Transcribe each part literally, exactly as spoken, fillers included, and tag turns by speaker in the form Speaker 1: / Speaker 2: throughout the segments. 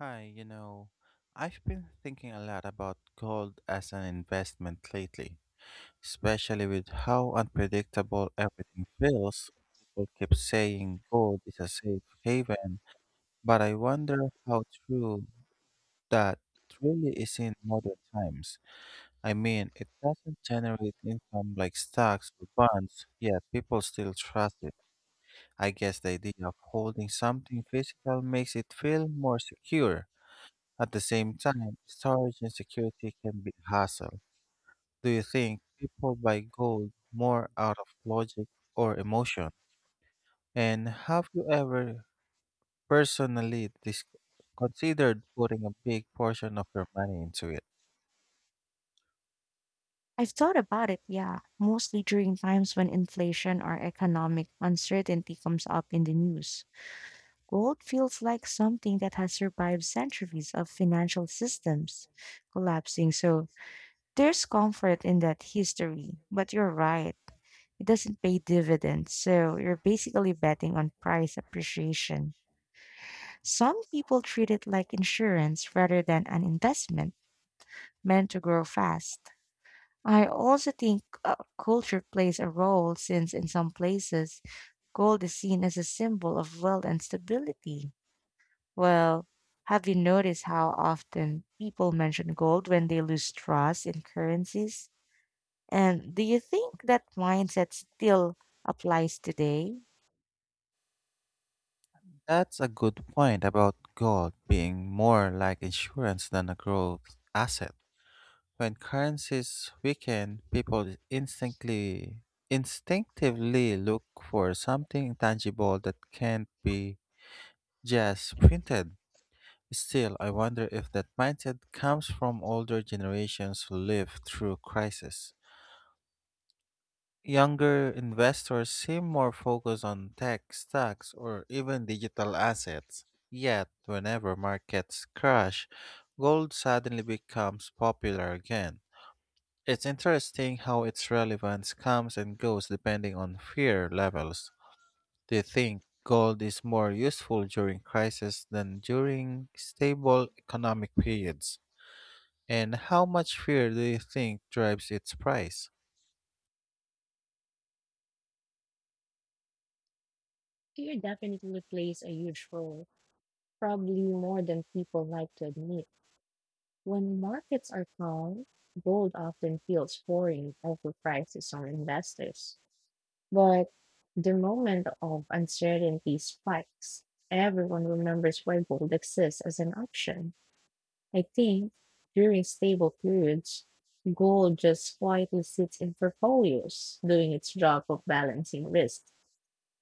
Speaker 1: Hi, you know, I've been thinking a lot about gold as an investment lately, especially with how unpredictable everything feels. People keep saying gold is a safe haven, but I wonder how true that really is in modern times. I mean, it doesn't generate income like stocks or bonds, yet people still trust it. I guess the idea of holding something physical makes it feel more secure. At the same time, storage and security can be a hassle. Do you think people buy gold more out of logic or emotion? And have you ever personally dis- considered putting a big portion of your money into it?
Speaker 2: I've thought about it, yeah, mostly during times when inflation or economic uncertainty comes up in the news. Gold feels like something that has survived centuries of financial systems collapsing, so there's comfort in that history. But you're right, it doesn't pay dividends, so you're basically betting on price appreciation. Some people treat it like insurance rather than an investment meant to grow fast. I also think uh, culture plays a role, since in some places gold is seen as a symbol of wealth and stability. Well, have you noticed how often people mention gold when they lose trust in currencies? And do you think that mindset still applies today?
Speaker 1: That's a good point about gold being more like insurance than a growth asset. When currencies weaken, people instantly instinctively look for something tangible that can't be, yes, printed. Still, I wonder if that mindset comes from older generations who lived through crisis. Younger investors seem more focused on tech stocks or even digital assets. Yet, whenever markets crash, gold suddenly becomes popular again. It's interesting how its relevance comes and goes depending on fear levels. Do you think gold is more useful during crisis than during stable economic periods? And how much fear do you think drives its price?
Speaker 2: Fear definitely plays a huge role, probably more than people like to admit. When markets are calm, gold often feels foreign, overpriced to some investors. But the moment of uncertainty spikes. Everyone remembers why gold exists as an option. I think during stable periods, gold just quietly sits in portfolios, doing its job of balancing risk.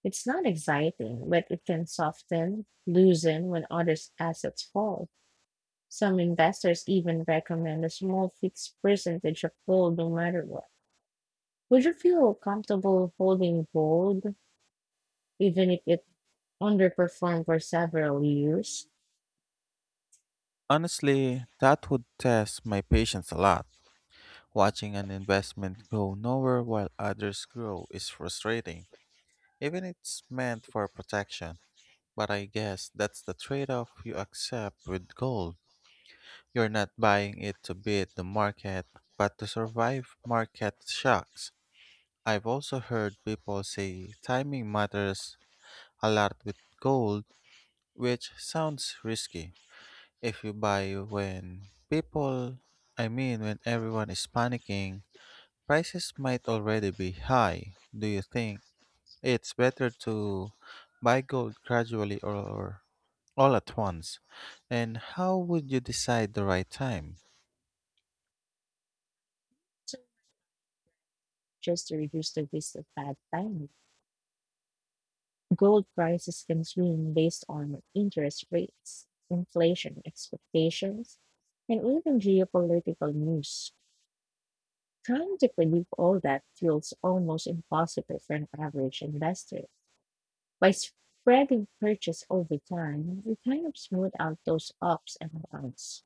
Speaker 2: It's not exciting, but it can soften, loosen when other assets fall. Some investors even recommend a small fixed percentage of gold no matter what. Would you feel comfortable holding gold even if it underperformed for several years,
Speaker 1: Honestly, that would test my patience a lot. Watching an investment go nowhere while others grow is frustrating, even if it's meant for protection. But I guess that's the trade off you accept with gold. You're not buying it to beat the market, but to survive market shocks. I've also heard people say timing matters a lot with gold, which sounds risky. If you buy when people, I mean, when everyone is panicking, prices might already be high. Do you think it's better to buy gold gradually or all at once? And how would you decide the right time?
Speaker 2: so just to reduce the risk of bad timing. Gold prices can swing based on interest rates, inflation expectations, and even geopolitical news. Trying to predict all that feels almost impossible for an average investor. By spreading purchase over time, we kind of smooth out those ups and downs.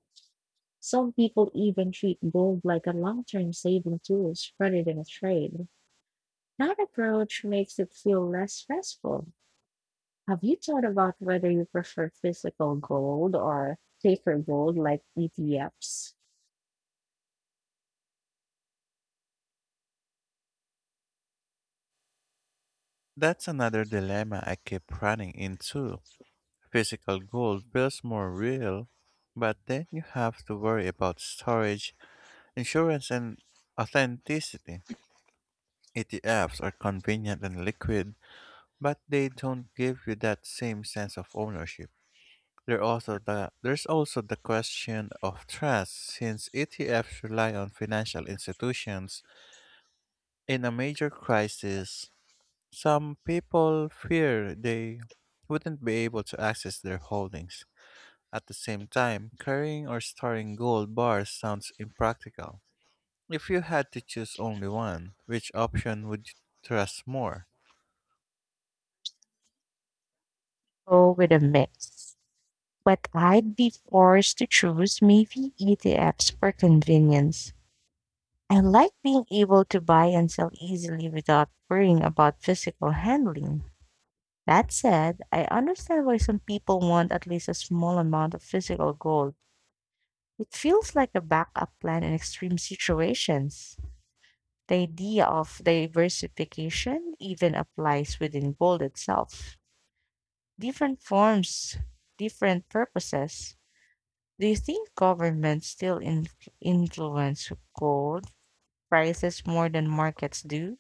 Speaker 2: Some people even treat gold like a long term saving tool rather than a trade. That approach makes it feel less stressful. Have you thought about whether you prefer fitness?
Speaker 1: That's another dilemma I keep running into. Physical gold feels more real, but then you have to worry about storage, insurance, and authenticity. E T Fs are convenient and liquid, but they don't give you that same sense of ownership. There also the, there's also the question of trust, since E T Fs rely on financial institutions. In a major crisis, some people fear they wouldn't be able to access their holdings. At the same time, carrying or storing gold bars sounds impractical. If you had to choose only one, which option would you trust more?
Speaker 2: Go with a mix. But I'd be forced to choose maybe E T Fs for convenience. I like being able to buy and sell easily without worrying about physical handling. That said, I understand why some people want at least a small amount of physical gold. It feels like a backup plan in extreme situations. The idea of diversification even applies within gold itself. Different forms, different purposes. Do you think governments still in- influence gold prices more than markets do?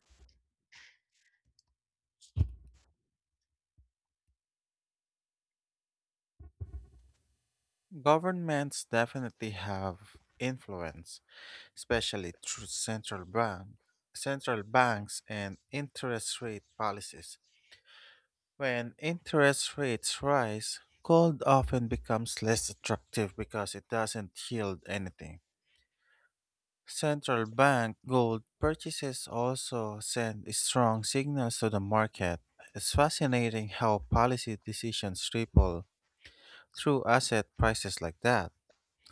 Speaker 1: Governments definitely have influence, especially through central bank, central banks and interest rate policies. When interest rates rise, gold often becomes less attractive because it doesn't yield anything. Central bank gold purchases also send strong signals to the market. It's fascinating how policy decisions ripple through asset prices like that.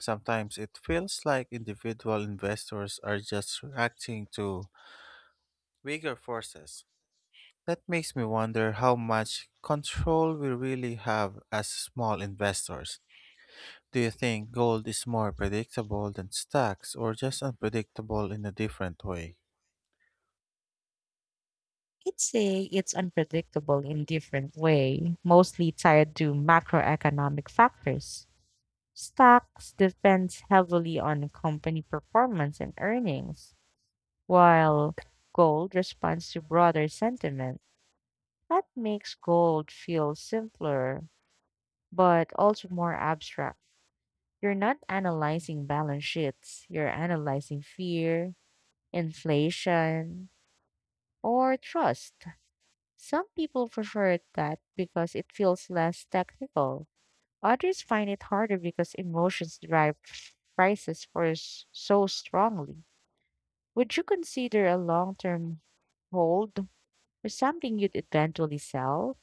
Speaker 1: Sometimes it feels like individual investors are just reacting to bigger forces. That makes me wonder how much control we really have as small investors. Do you think gold is more predictable than stocks or just unpredictable in a different way?
Speaker 2: I'd say it's unpredictable in different way, mostly tied to macroeconomic factors. Stocks depends heavily on company performance and earnings, while gold responds to broader sentiment. That makes gold feel simpler, but also more abstract. You're not analyzing balance sheets, you're analyzing fear, inflation, or trust. Some people prefer that because it feels less technical. Others find it harder because emotions drive prices for s- so strongly. Would you consider a long-term hold or something you'd eventually sell?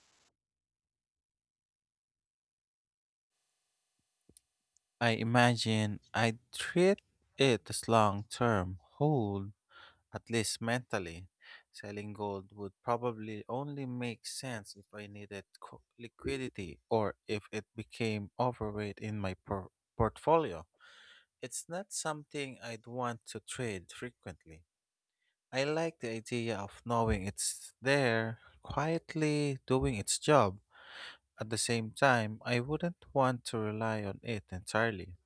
Speaker 1: I imagine I'd treat it as long term hold, at least mentally. Selling gold would probably only make sense if I needed co- liquidity or if it became overweight in my por- portfolio. It's not something I'd want to trade frequently. I like the idea of knowing it's there, quietly doing its job. At the same time, I wouldn't want to rely on it entirely.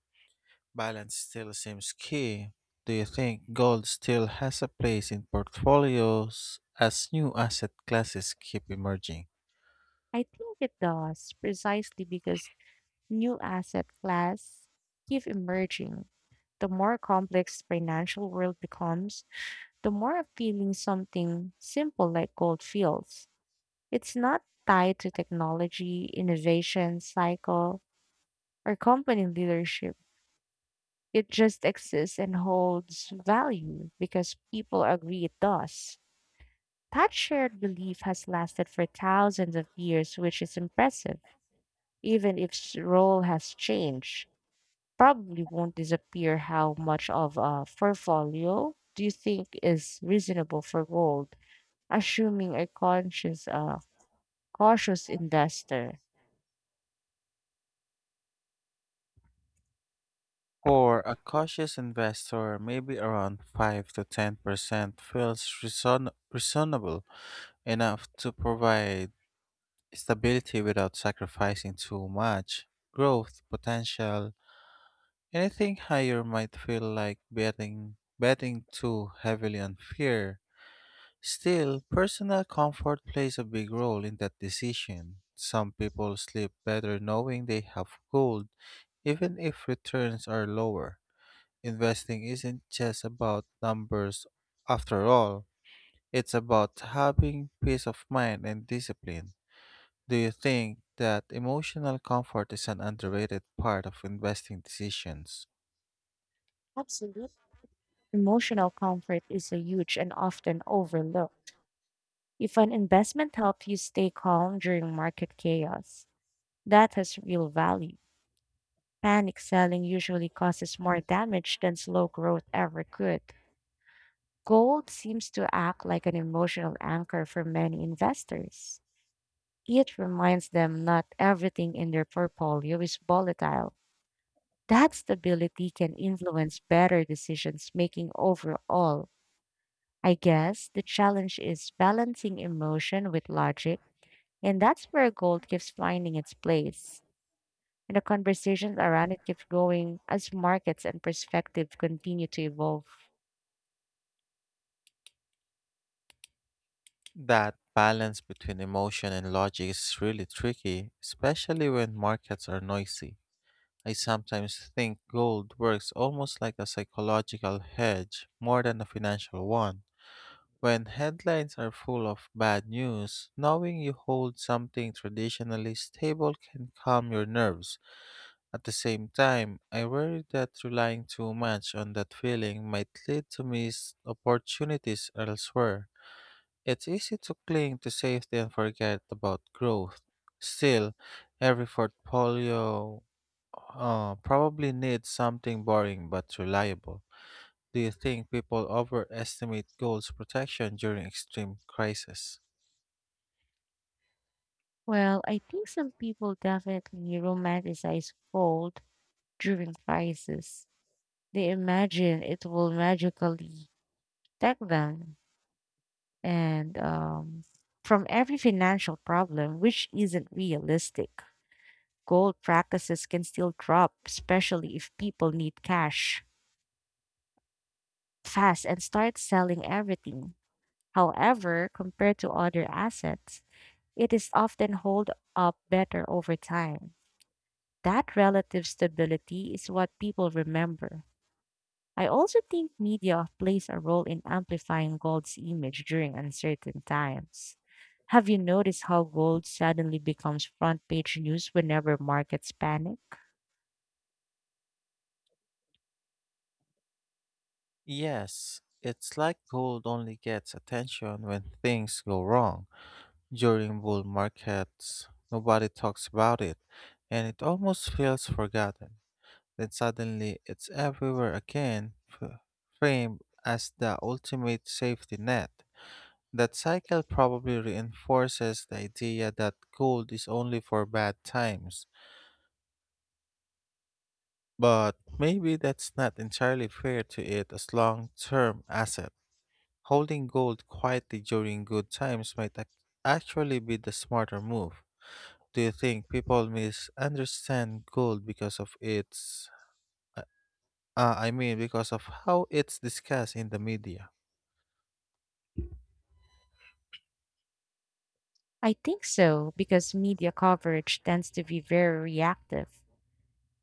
Speaker 1: Balance still seems key. Do you think gold still has a place in portfolios as new asset classes keep emerging?
Speaker 2: I think it does, precisely because new asset class keep emerging. The more complex financial world becomes, the more appealing something simple like gold feels. It's not tied to technology, innovation, cycle, or company leadership. It just exists and holds value because people agree it does. That shared belief has lasted for thousands of years, which is impressive, even if its role has changed. Probably won't disappear. How much of a portfolio do you think is reasonable for gold, assuming a conscious, uh, cautious investor?
Speaker 1: For a cautious investor, maybe around five to ten percent feels reason- reasonable enough to provide stability without sacrificing too much growth potential. Anything higher might feel like betting betting too heavily on fear. Still, personal comfort plays a big role in that decision. Some people sleep better knowing they have gold, even if returns are lower. Investing isn't just about numbers, after all, it's about having peace of mind and discipline. Do you think that emotional comfort is an underrated part of investing decisions?
Speaker 2: Absolutely. Emotional comfort is a huge and often overlooked. If an investment helps you stay calm during market chaos, that has real value. Panic selling usually causes more damage than slow growth ever could. Gold seems to act like an emotional anchor for many investors. It reminds them not everything in their portfolio is volatile. That stability can influence better decisions making overall. I guess the challenge is balancing emotion with logic, and that's where gold keeps finding its place. And the conversations around it keep going as markets and perspective continue to evolve.
Speaker 1: That balance between emotion and logic is really tricky, especially when markets are noisy. I sometimes think gold works almost like a psychological hedge more than a financial one. When headlines are full of bad news, knowing you hold something traditionally stable can calm your nerves. At the same time, I worry that relying too much on that feeling might lead to missed opportunities elsewhere. It's easy to cling to safety and forget about growth. Still, every portfolio uh, probably need something boring but reliable. Do you think people overestimate gold's protection during extreme crisis?
Speaker 2: Well, I think some people definitely romanticize gold during crisis. They imagine it will magically protect them and um, from every financial problem, which isn't realistic. Gold practices can still drop, especially if people need cash fast and start selling everything. However, compared to other assets, it is often hold up better over time. That relative stability is what people remember. I also think media plays a role in amplifying gold's image during uncertain times. Have you noticed how gold suddenly becomes front page news whenever markets panic?
Speaker 1: Yes, it's like gold only gets attention when things go wrong. During bull markets, nobody talks about it, and it almost feels forgotten. Then suddenly, it's everywhere again, f- framed as the ultimate safety net. That cycle probably reinforces the idea that gold is only for bad times, but maybe that's not entirely fair to it as long term asset. Holding gold quietly during good times might ac- actually be the smarter move. Do you think people misunderstand gold because of its uh, uh, I mean because of how it's discussed in the media?
Speaker 2: I think so, because media coverage tends to be very reactive.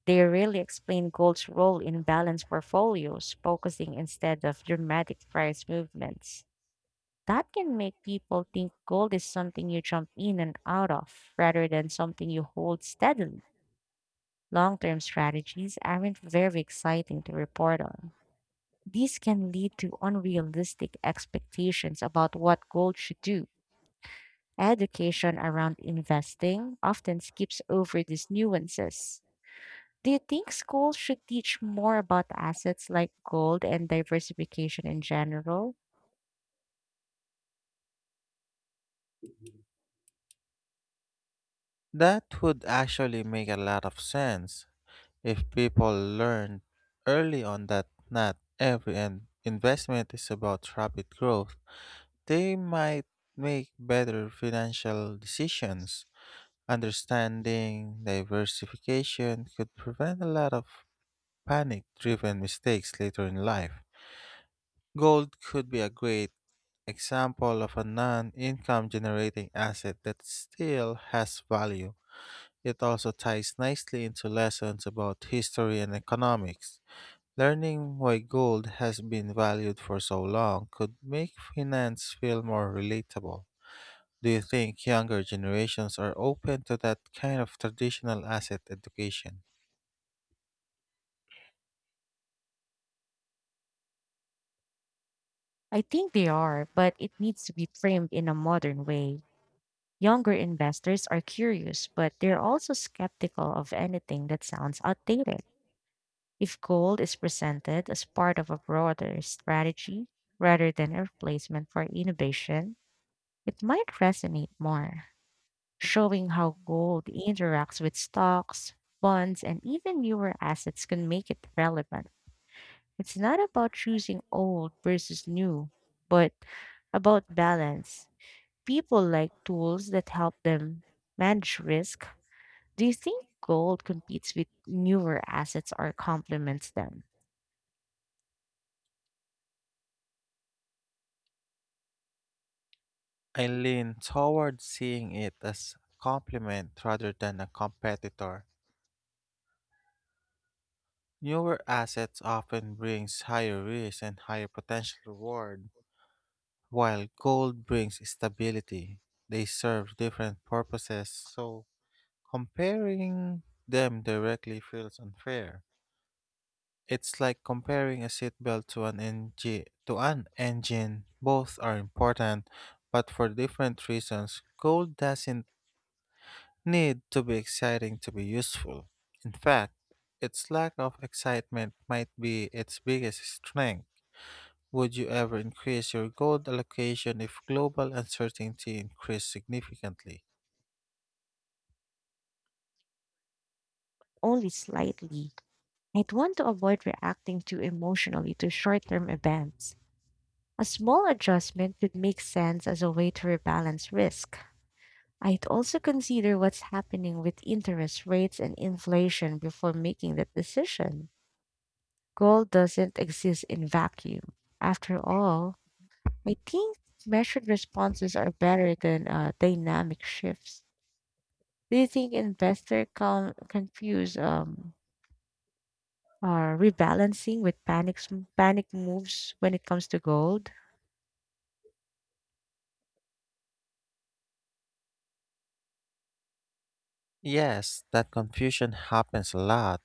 Speaker 2: They rarely explain gold's role in balanced portfolios, focusing instead of dramatic price movements. That can make people think gold is something you jump in and out of rather than something you hold steadily. Long term strategies aren't very exciting to report on. These can lead to unrealistic expectations about what gold should do. Education around investing often skips over these nuances. Do you think schools should teach more about assets like gold and diversification in general?
Speaker 1: That would actually make a lot of sense. If people learn early on that not every in- investment is about rapid growth, they might make better financial decisions. Understanding diversification could prevent a lot of panic driven mistakes later in life. Gold could be a great example of a non income generating asset that still has value. It also ties nicely into lessons about history and economics. Learning why gold has been valued for so long could make finance feel more relatable. Do you think younger generations are open to that kind of traditional asset education?
Speaker 2: I think they are, but it needs to be framed in a modern way. Younger investors are curious, but they're also skeptical of anything that sounds outdated. If gold is presented as part of a broader strategy rather than a replacement for innovation, it might resonate more, showing how gold interacts with stocks, bonds, and even newer assets can make it relevant. It's not about choosing old versus new, but about balance. People like tools that help them manage risk. Do you think gold competes with newer assets or complements them?
Speaker 1: I lean toward seeing it as a complement rather than a competitor. Newer assets often brings higher risk and higher potential reward, while gold brings stability. They serve different purposes, so comparing them directly feels unfair. It's like comparing a seatbelt to an engine to an engine. Both are important, but for different reasons. Gold doesn't need to be exciting to be useful. In fact, its lack of excitement might be its biggest strength. Would you ever increase your gold allocation if global uncertainty increased significantly?
Speaker 2: Only slightly. I'd want to avoid reacting too emotionally to short term events. A small adjustment could make sense as a way to rebalance risk. I'd also consider what's happening with interest rates and inflation before making that decision. Gold doesn't exist in vacuum. After all, I think measured responses are better than uh, dynamic shifts. Do you think investors come confuse um, uh, rebalancing with panic s- panic moves when it comes to gold?
Speaker 1: Yes, that confusion happens a lot.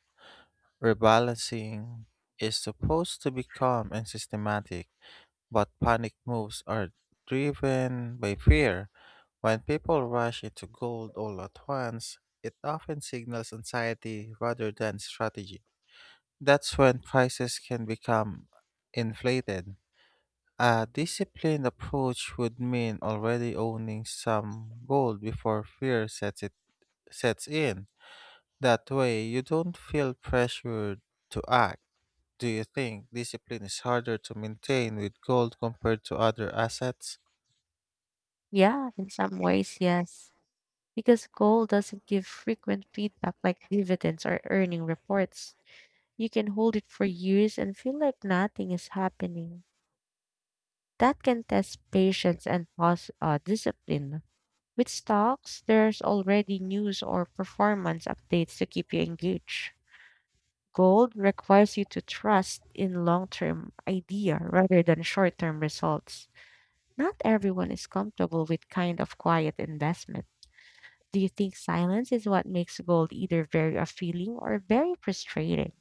Speaker 1: Rebalancing is supposed to be calm and systematic, but panic moves are driven by fear. When people rush into gold all at once, it often signals anxiety rather than strategy. That's when prices can become inflated. A disciplined approach would mean already owning some gold before fear sets it sets in. That way you don't feel pressured to act. Do you think discipline is harder to maintain with gold compared to other assets?
Speaker 2: Yeah, in some ways, yes, because gold doesn't give frequent feedback like dividends or earning reports. You can hold it for years and feel like nothing is happening. That can test patience and pos- uh, discipline. With stocks, there's already news or performance updates to keep you engaged. Gold requires you to trust in long term idea rather than short term results. Not everyone is comfortable with kind of quiet investment. Do you think silence is what makes gold either very appealing or very frustrating?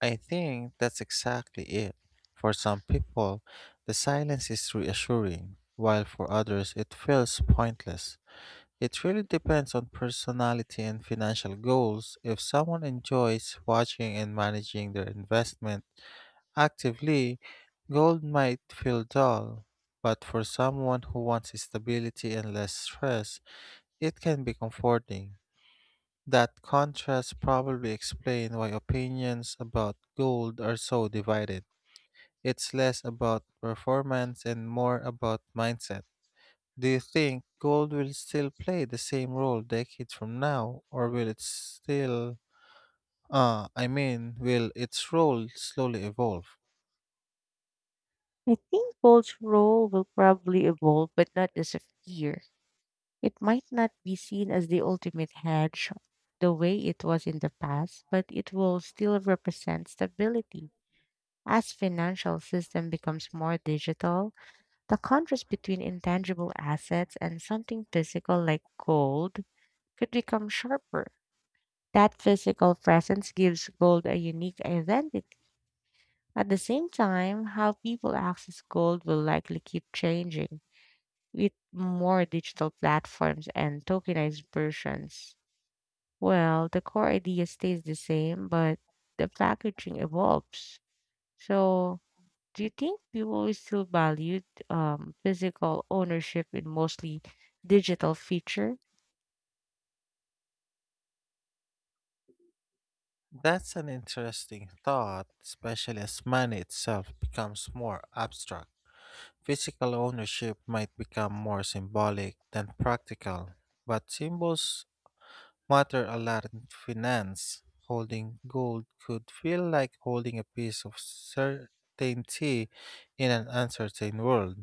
Speaker 1: I think that's exactly it. For some people, the silence is reassuring, while for others, it feels pointless. It really depends on personality and financial goals. If someone enjoys watching and managing their investment actively, gold might feel dull. But for someone who wants stability and less stress, it can be comforting. That contrast probably explains why opinions about gold are so divided. It's less about performance and more about mindset. Do you think gold will still play the same role decades from now, or will it still, uh, I mean, will its role slowly evolve?
Speaker 2: I think gold's role will probably evolve, but not disappear. It might not be seen as the ultimate hedge the way it was in the past, but it will still represent stability. As financial system becomes more digital, the contrast between intangible assets and something physical like gold could become sharper. That physical presence gives gold a unique identity. At the same time, how people access gold will likely keep changing with more digital platforms and tokenized versions. Well, the core idea stays the same, but the packaging evolves. So, do you think people will still value um, physical ownership in mostly digital feature?
Speaker 1: That's an interesting thought, especially as money itself becomes more abstract. Physical ownership might become more symbolic than practical, but symbols matter a lot in finance. Holding gold could feel like holding a piece of certainty in an uncertain world.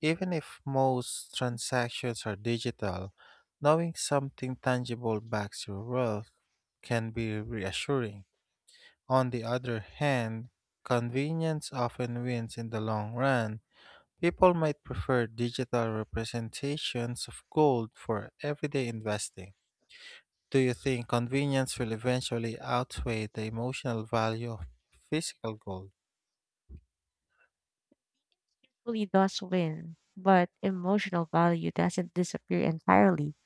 Speaker 1: Even if most transactions are digital, knowing something tangible backs your wealth can be reassuring. On the other hand, convenience often wins in the long run. People might prefer digital representations of gold for everyday investing. Do you think convenience will eventually outweigh the emotional value of physical gold?
Speaker 2: Really does win, but emotional value doesn't disappear entirely.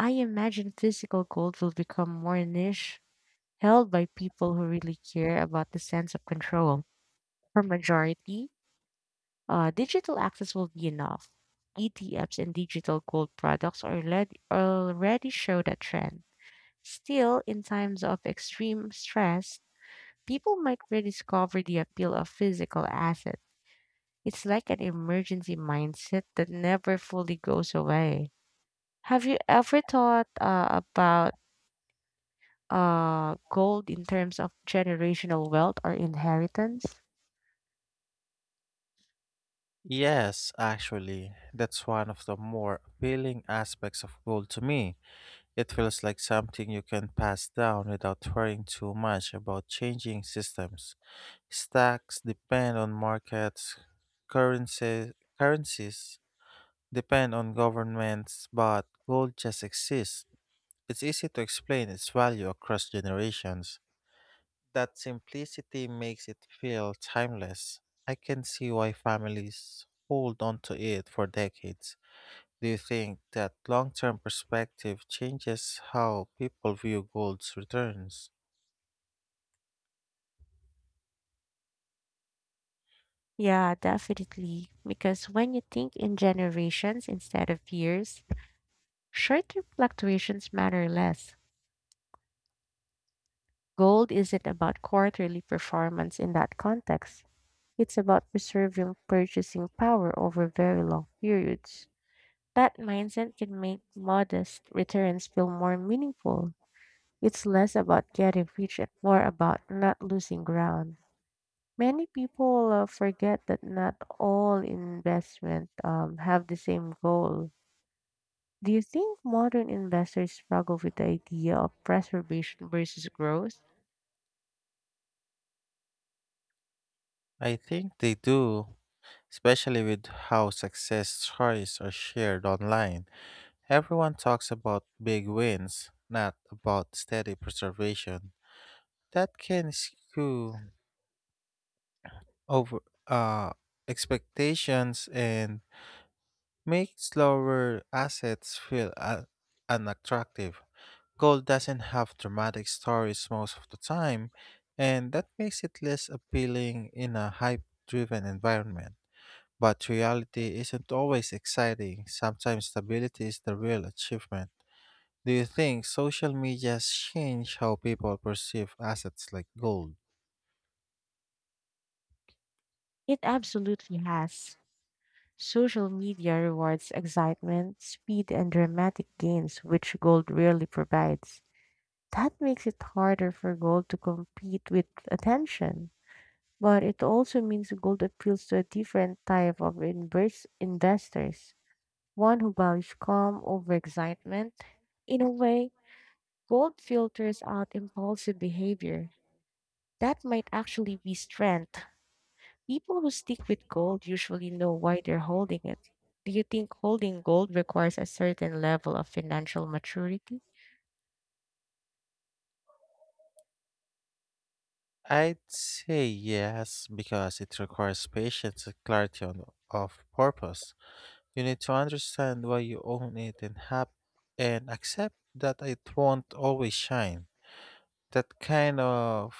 Speaker 2: I imagine physical gold will become more niche, held by people who really care about the sense of control. For majority, uh, digital access will be enough. E T Fs and digital gold products are already, already show that trend. Still, in times of extreme stress, people might rediscover the appeal of physical asset. It's like an emergency mindset that never fully goes away. Have you ever thought uh, about uh gold in terms of generational wealth or inheritance?
Speaker 1: Yes, actually, that's one of the more appealing aspects of gold to me. It feels like something you can pass down without worrying too much about changing systems. Stocks depend on markets, currencies, currencies depend on governments, but gold just exists. It's easy to explain its value across generations. That simplicity makes it feel timeless. I can see why families hold on to it for decades. Do you think that long term perspective changes how people view gold's returns?
Speaker 2: Yeah, definitely. Because when you think in generations instead of years, short-term fluctuations matter less. Gold isn't about quarterly performance in that context. It's about preserving purchasing power over very long periods. That mindset can make modest returns feel more meaningful. It's less about getting rich and more about not losing ground. Many people uh, forget that not all investment um, have the same goal. Do you think modern investors struggle with the idea of preservation versus growth?
Speaker 1: I think they do, especially with how success stories are shared online. Everyone talks about big wins, not about steady preservation. That can skew over uh, expectations and make slower assets feel uh, unattractive. Gold doesn't have dramatic stories most of the time, and that makes it less appealing in a hype driven environment. But reality isn't always exciting, sometimes stability is the real achievement. Do you think social media's change how people perceive assets like gold?
Speaker 2: It absolutely has. Social media rewards excitement, speed, and dramatic gains, which gold rarely provides. That makes it harder for gold to compete with attention. But it also means gold appeals to a different type of invers- investors, one who values calm over excitement. In a way, gold filters out impulsive behavior. That might actually be strength. People who stick with gold usually know why they're holding it. Do you think holding gold requires a certain level of financial maturity?
Speaker 1: I'd say yes, because it requires patience and clarity on, of purpose. You need to understand why you own it and have and accept that it won't always shine. That kind of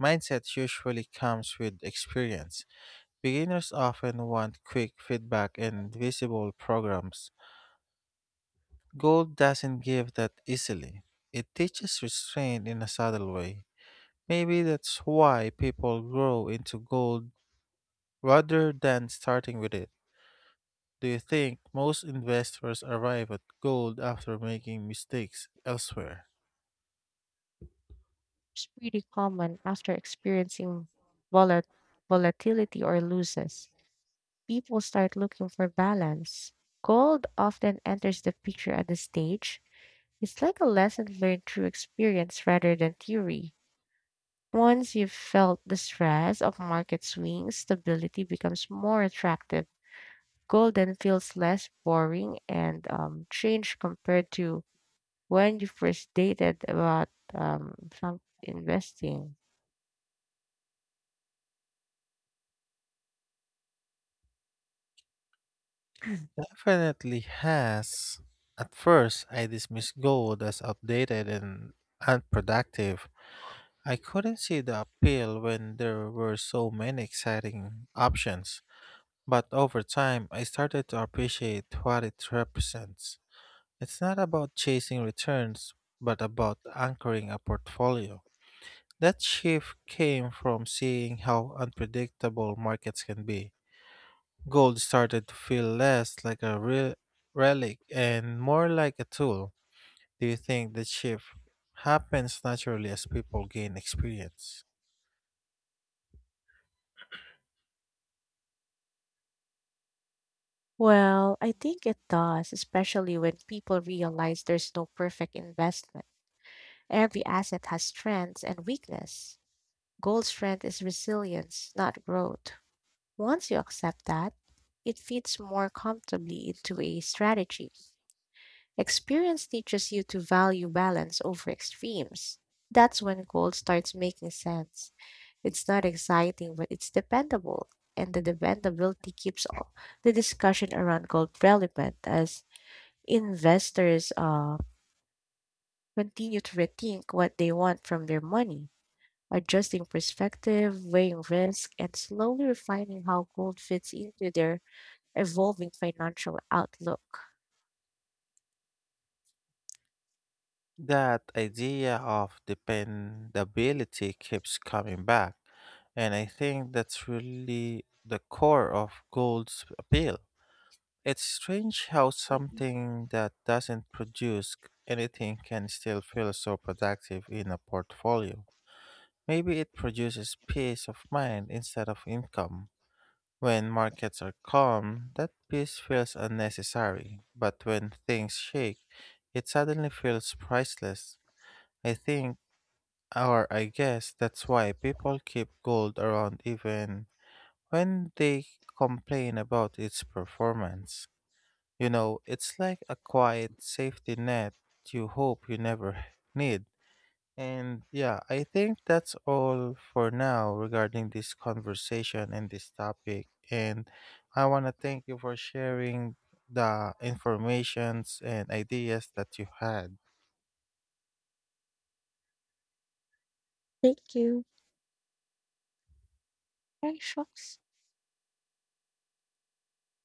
Speaker 1: mindset usually comes with experience. Beginners often want quick feedback and visible programs. Gold doesn't give that easily. It teaches restraint in a subtle way. Maybe that's why people grow into gold rather than starting with it. Do you think most investors arrive at gold after making mistakes elsewhere?
Speaker 2: It's pretty common after experiencing volat- volatility or losses. People start looking for balance. Gold often enters the picture at the stage. It's like a lesson learned through experience rather than theory. Once you've felt the stress of market swings, stability becomes more attractive. Gold then feels less boring and um, strange compared to when you first dated about um, some investing.
Speaker 1: Definitely has. At first, I dismissed gold as outdated and unproductive. I couldn't see the appeal when there were so many exciting options. But over time, I started to appreciate what it represents. It's not about chasing returns, but about anchoring a portfolio. That shift came from seeing how unpredictable markets can be. Gold started to feel less like a re- relic and more like a tool. Do you think the shift happens naturally as people gain experience?
Speaker 2: Well, I think it does, especially when people realize there's no perfect investment. Every asset has strengths and weakness. Gold's strength is resilience, not growth. Once you accept that, it fits more comfortably into a strategy. Experience teaches you to value balance over extremes. That's when gold starts making sense. It's not exciting, but it's dependable. And the dependability keeps all the discussion around gold relevant as investors uh, continue to rethink what they want from their money, adjusting perspective, weighing risk, and slowly refining how gold fits into their evolving financial outlook.
Speaker 1: That idea of dependability keeps coming back, and I think that's really the core of gold's appeal. It's strange how something that doesn't produce c- anything can still feel so productive in a portfolio. Maybe it produces peace of mind instead of income. When markets are calm, that peace feels unnecessary, but when things shake, it suddenly feels priceless. I think or I guess that's why people keep gold around even when they complain about its performance. You know, it's like a quiet safety net you hope you never need. And yeah, I think that's all for now regarding this conversation and this topic. And I want to thank you for sharing the informations and ideas that you had.
Speaker 2: Thank you. Bye, Shocks.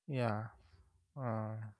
Speaker 1: Yeah. Uh,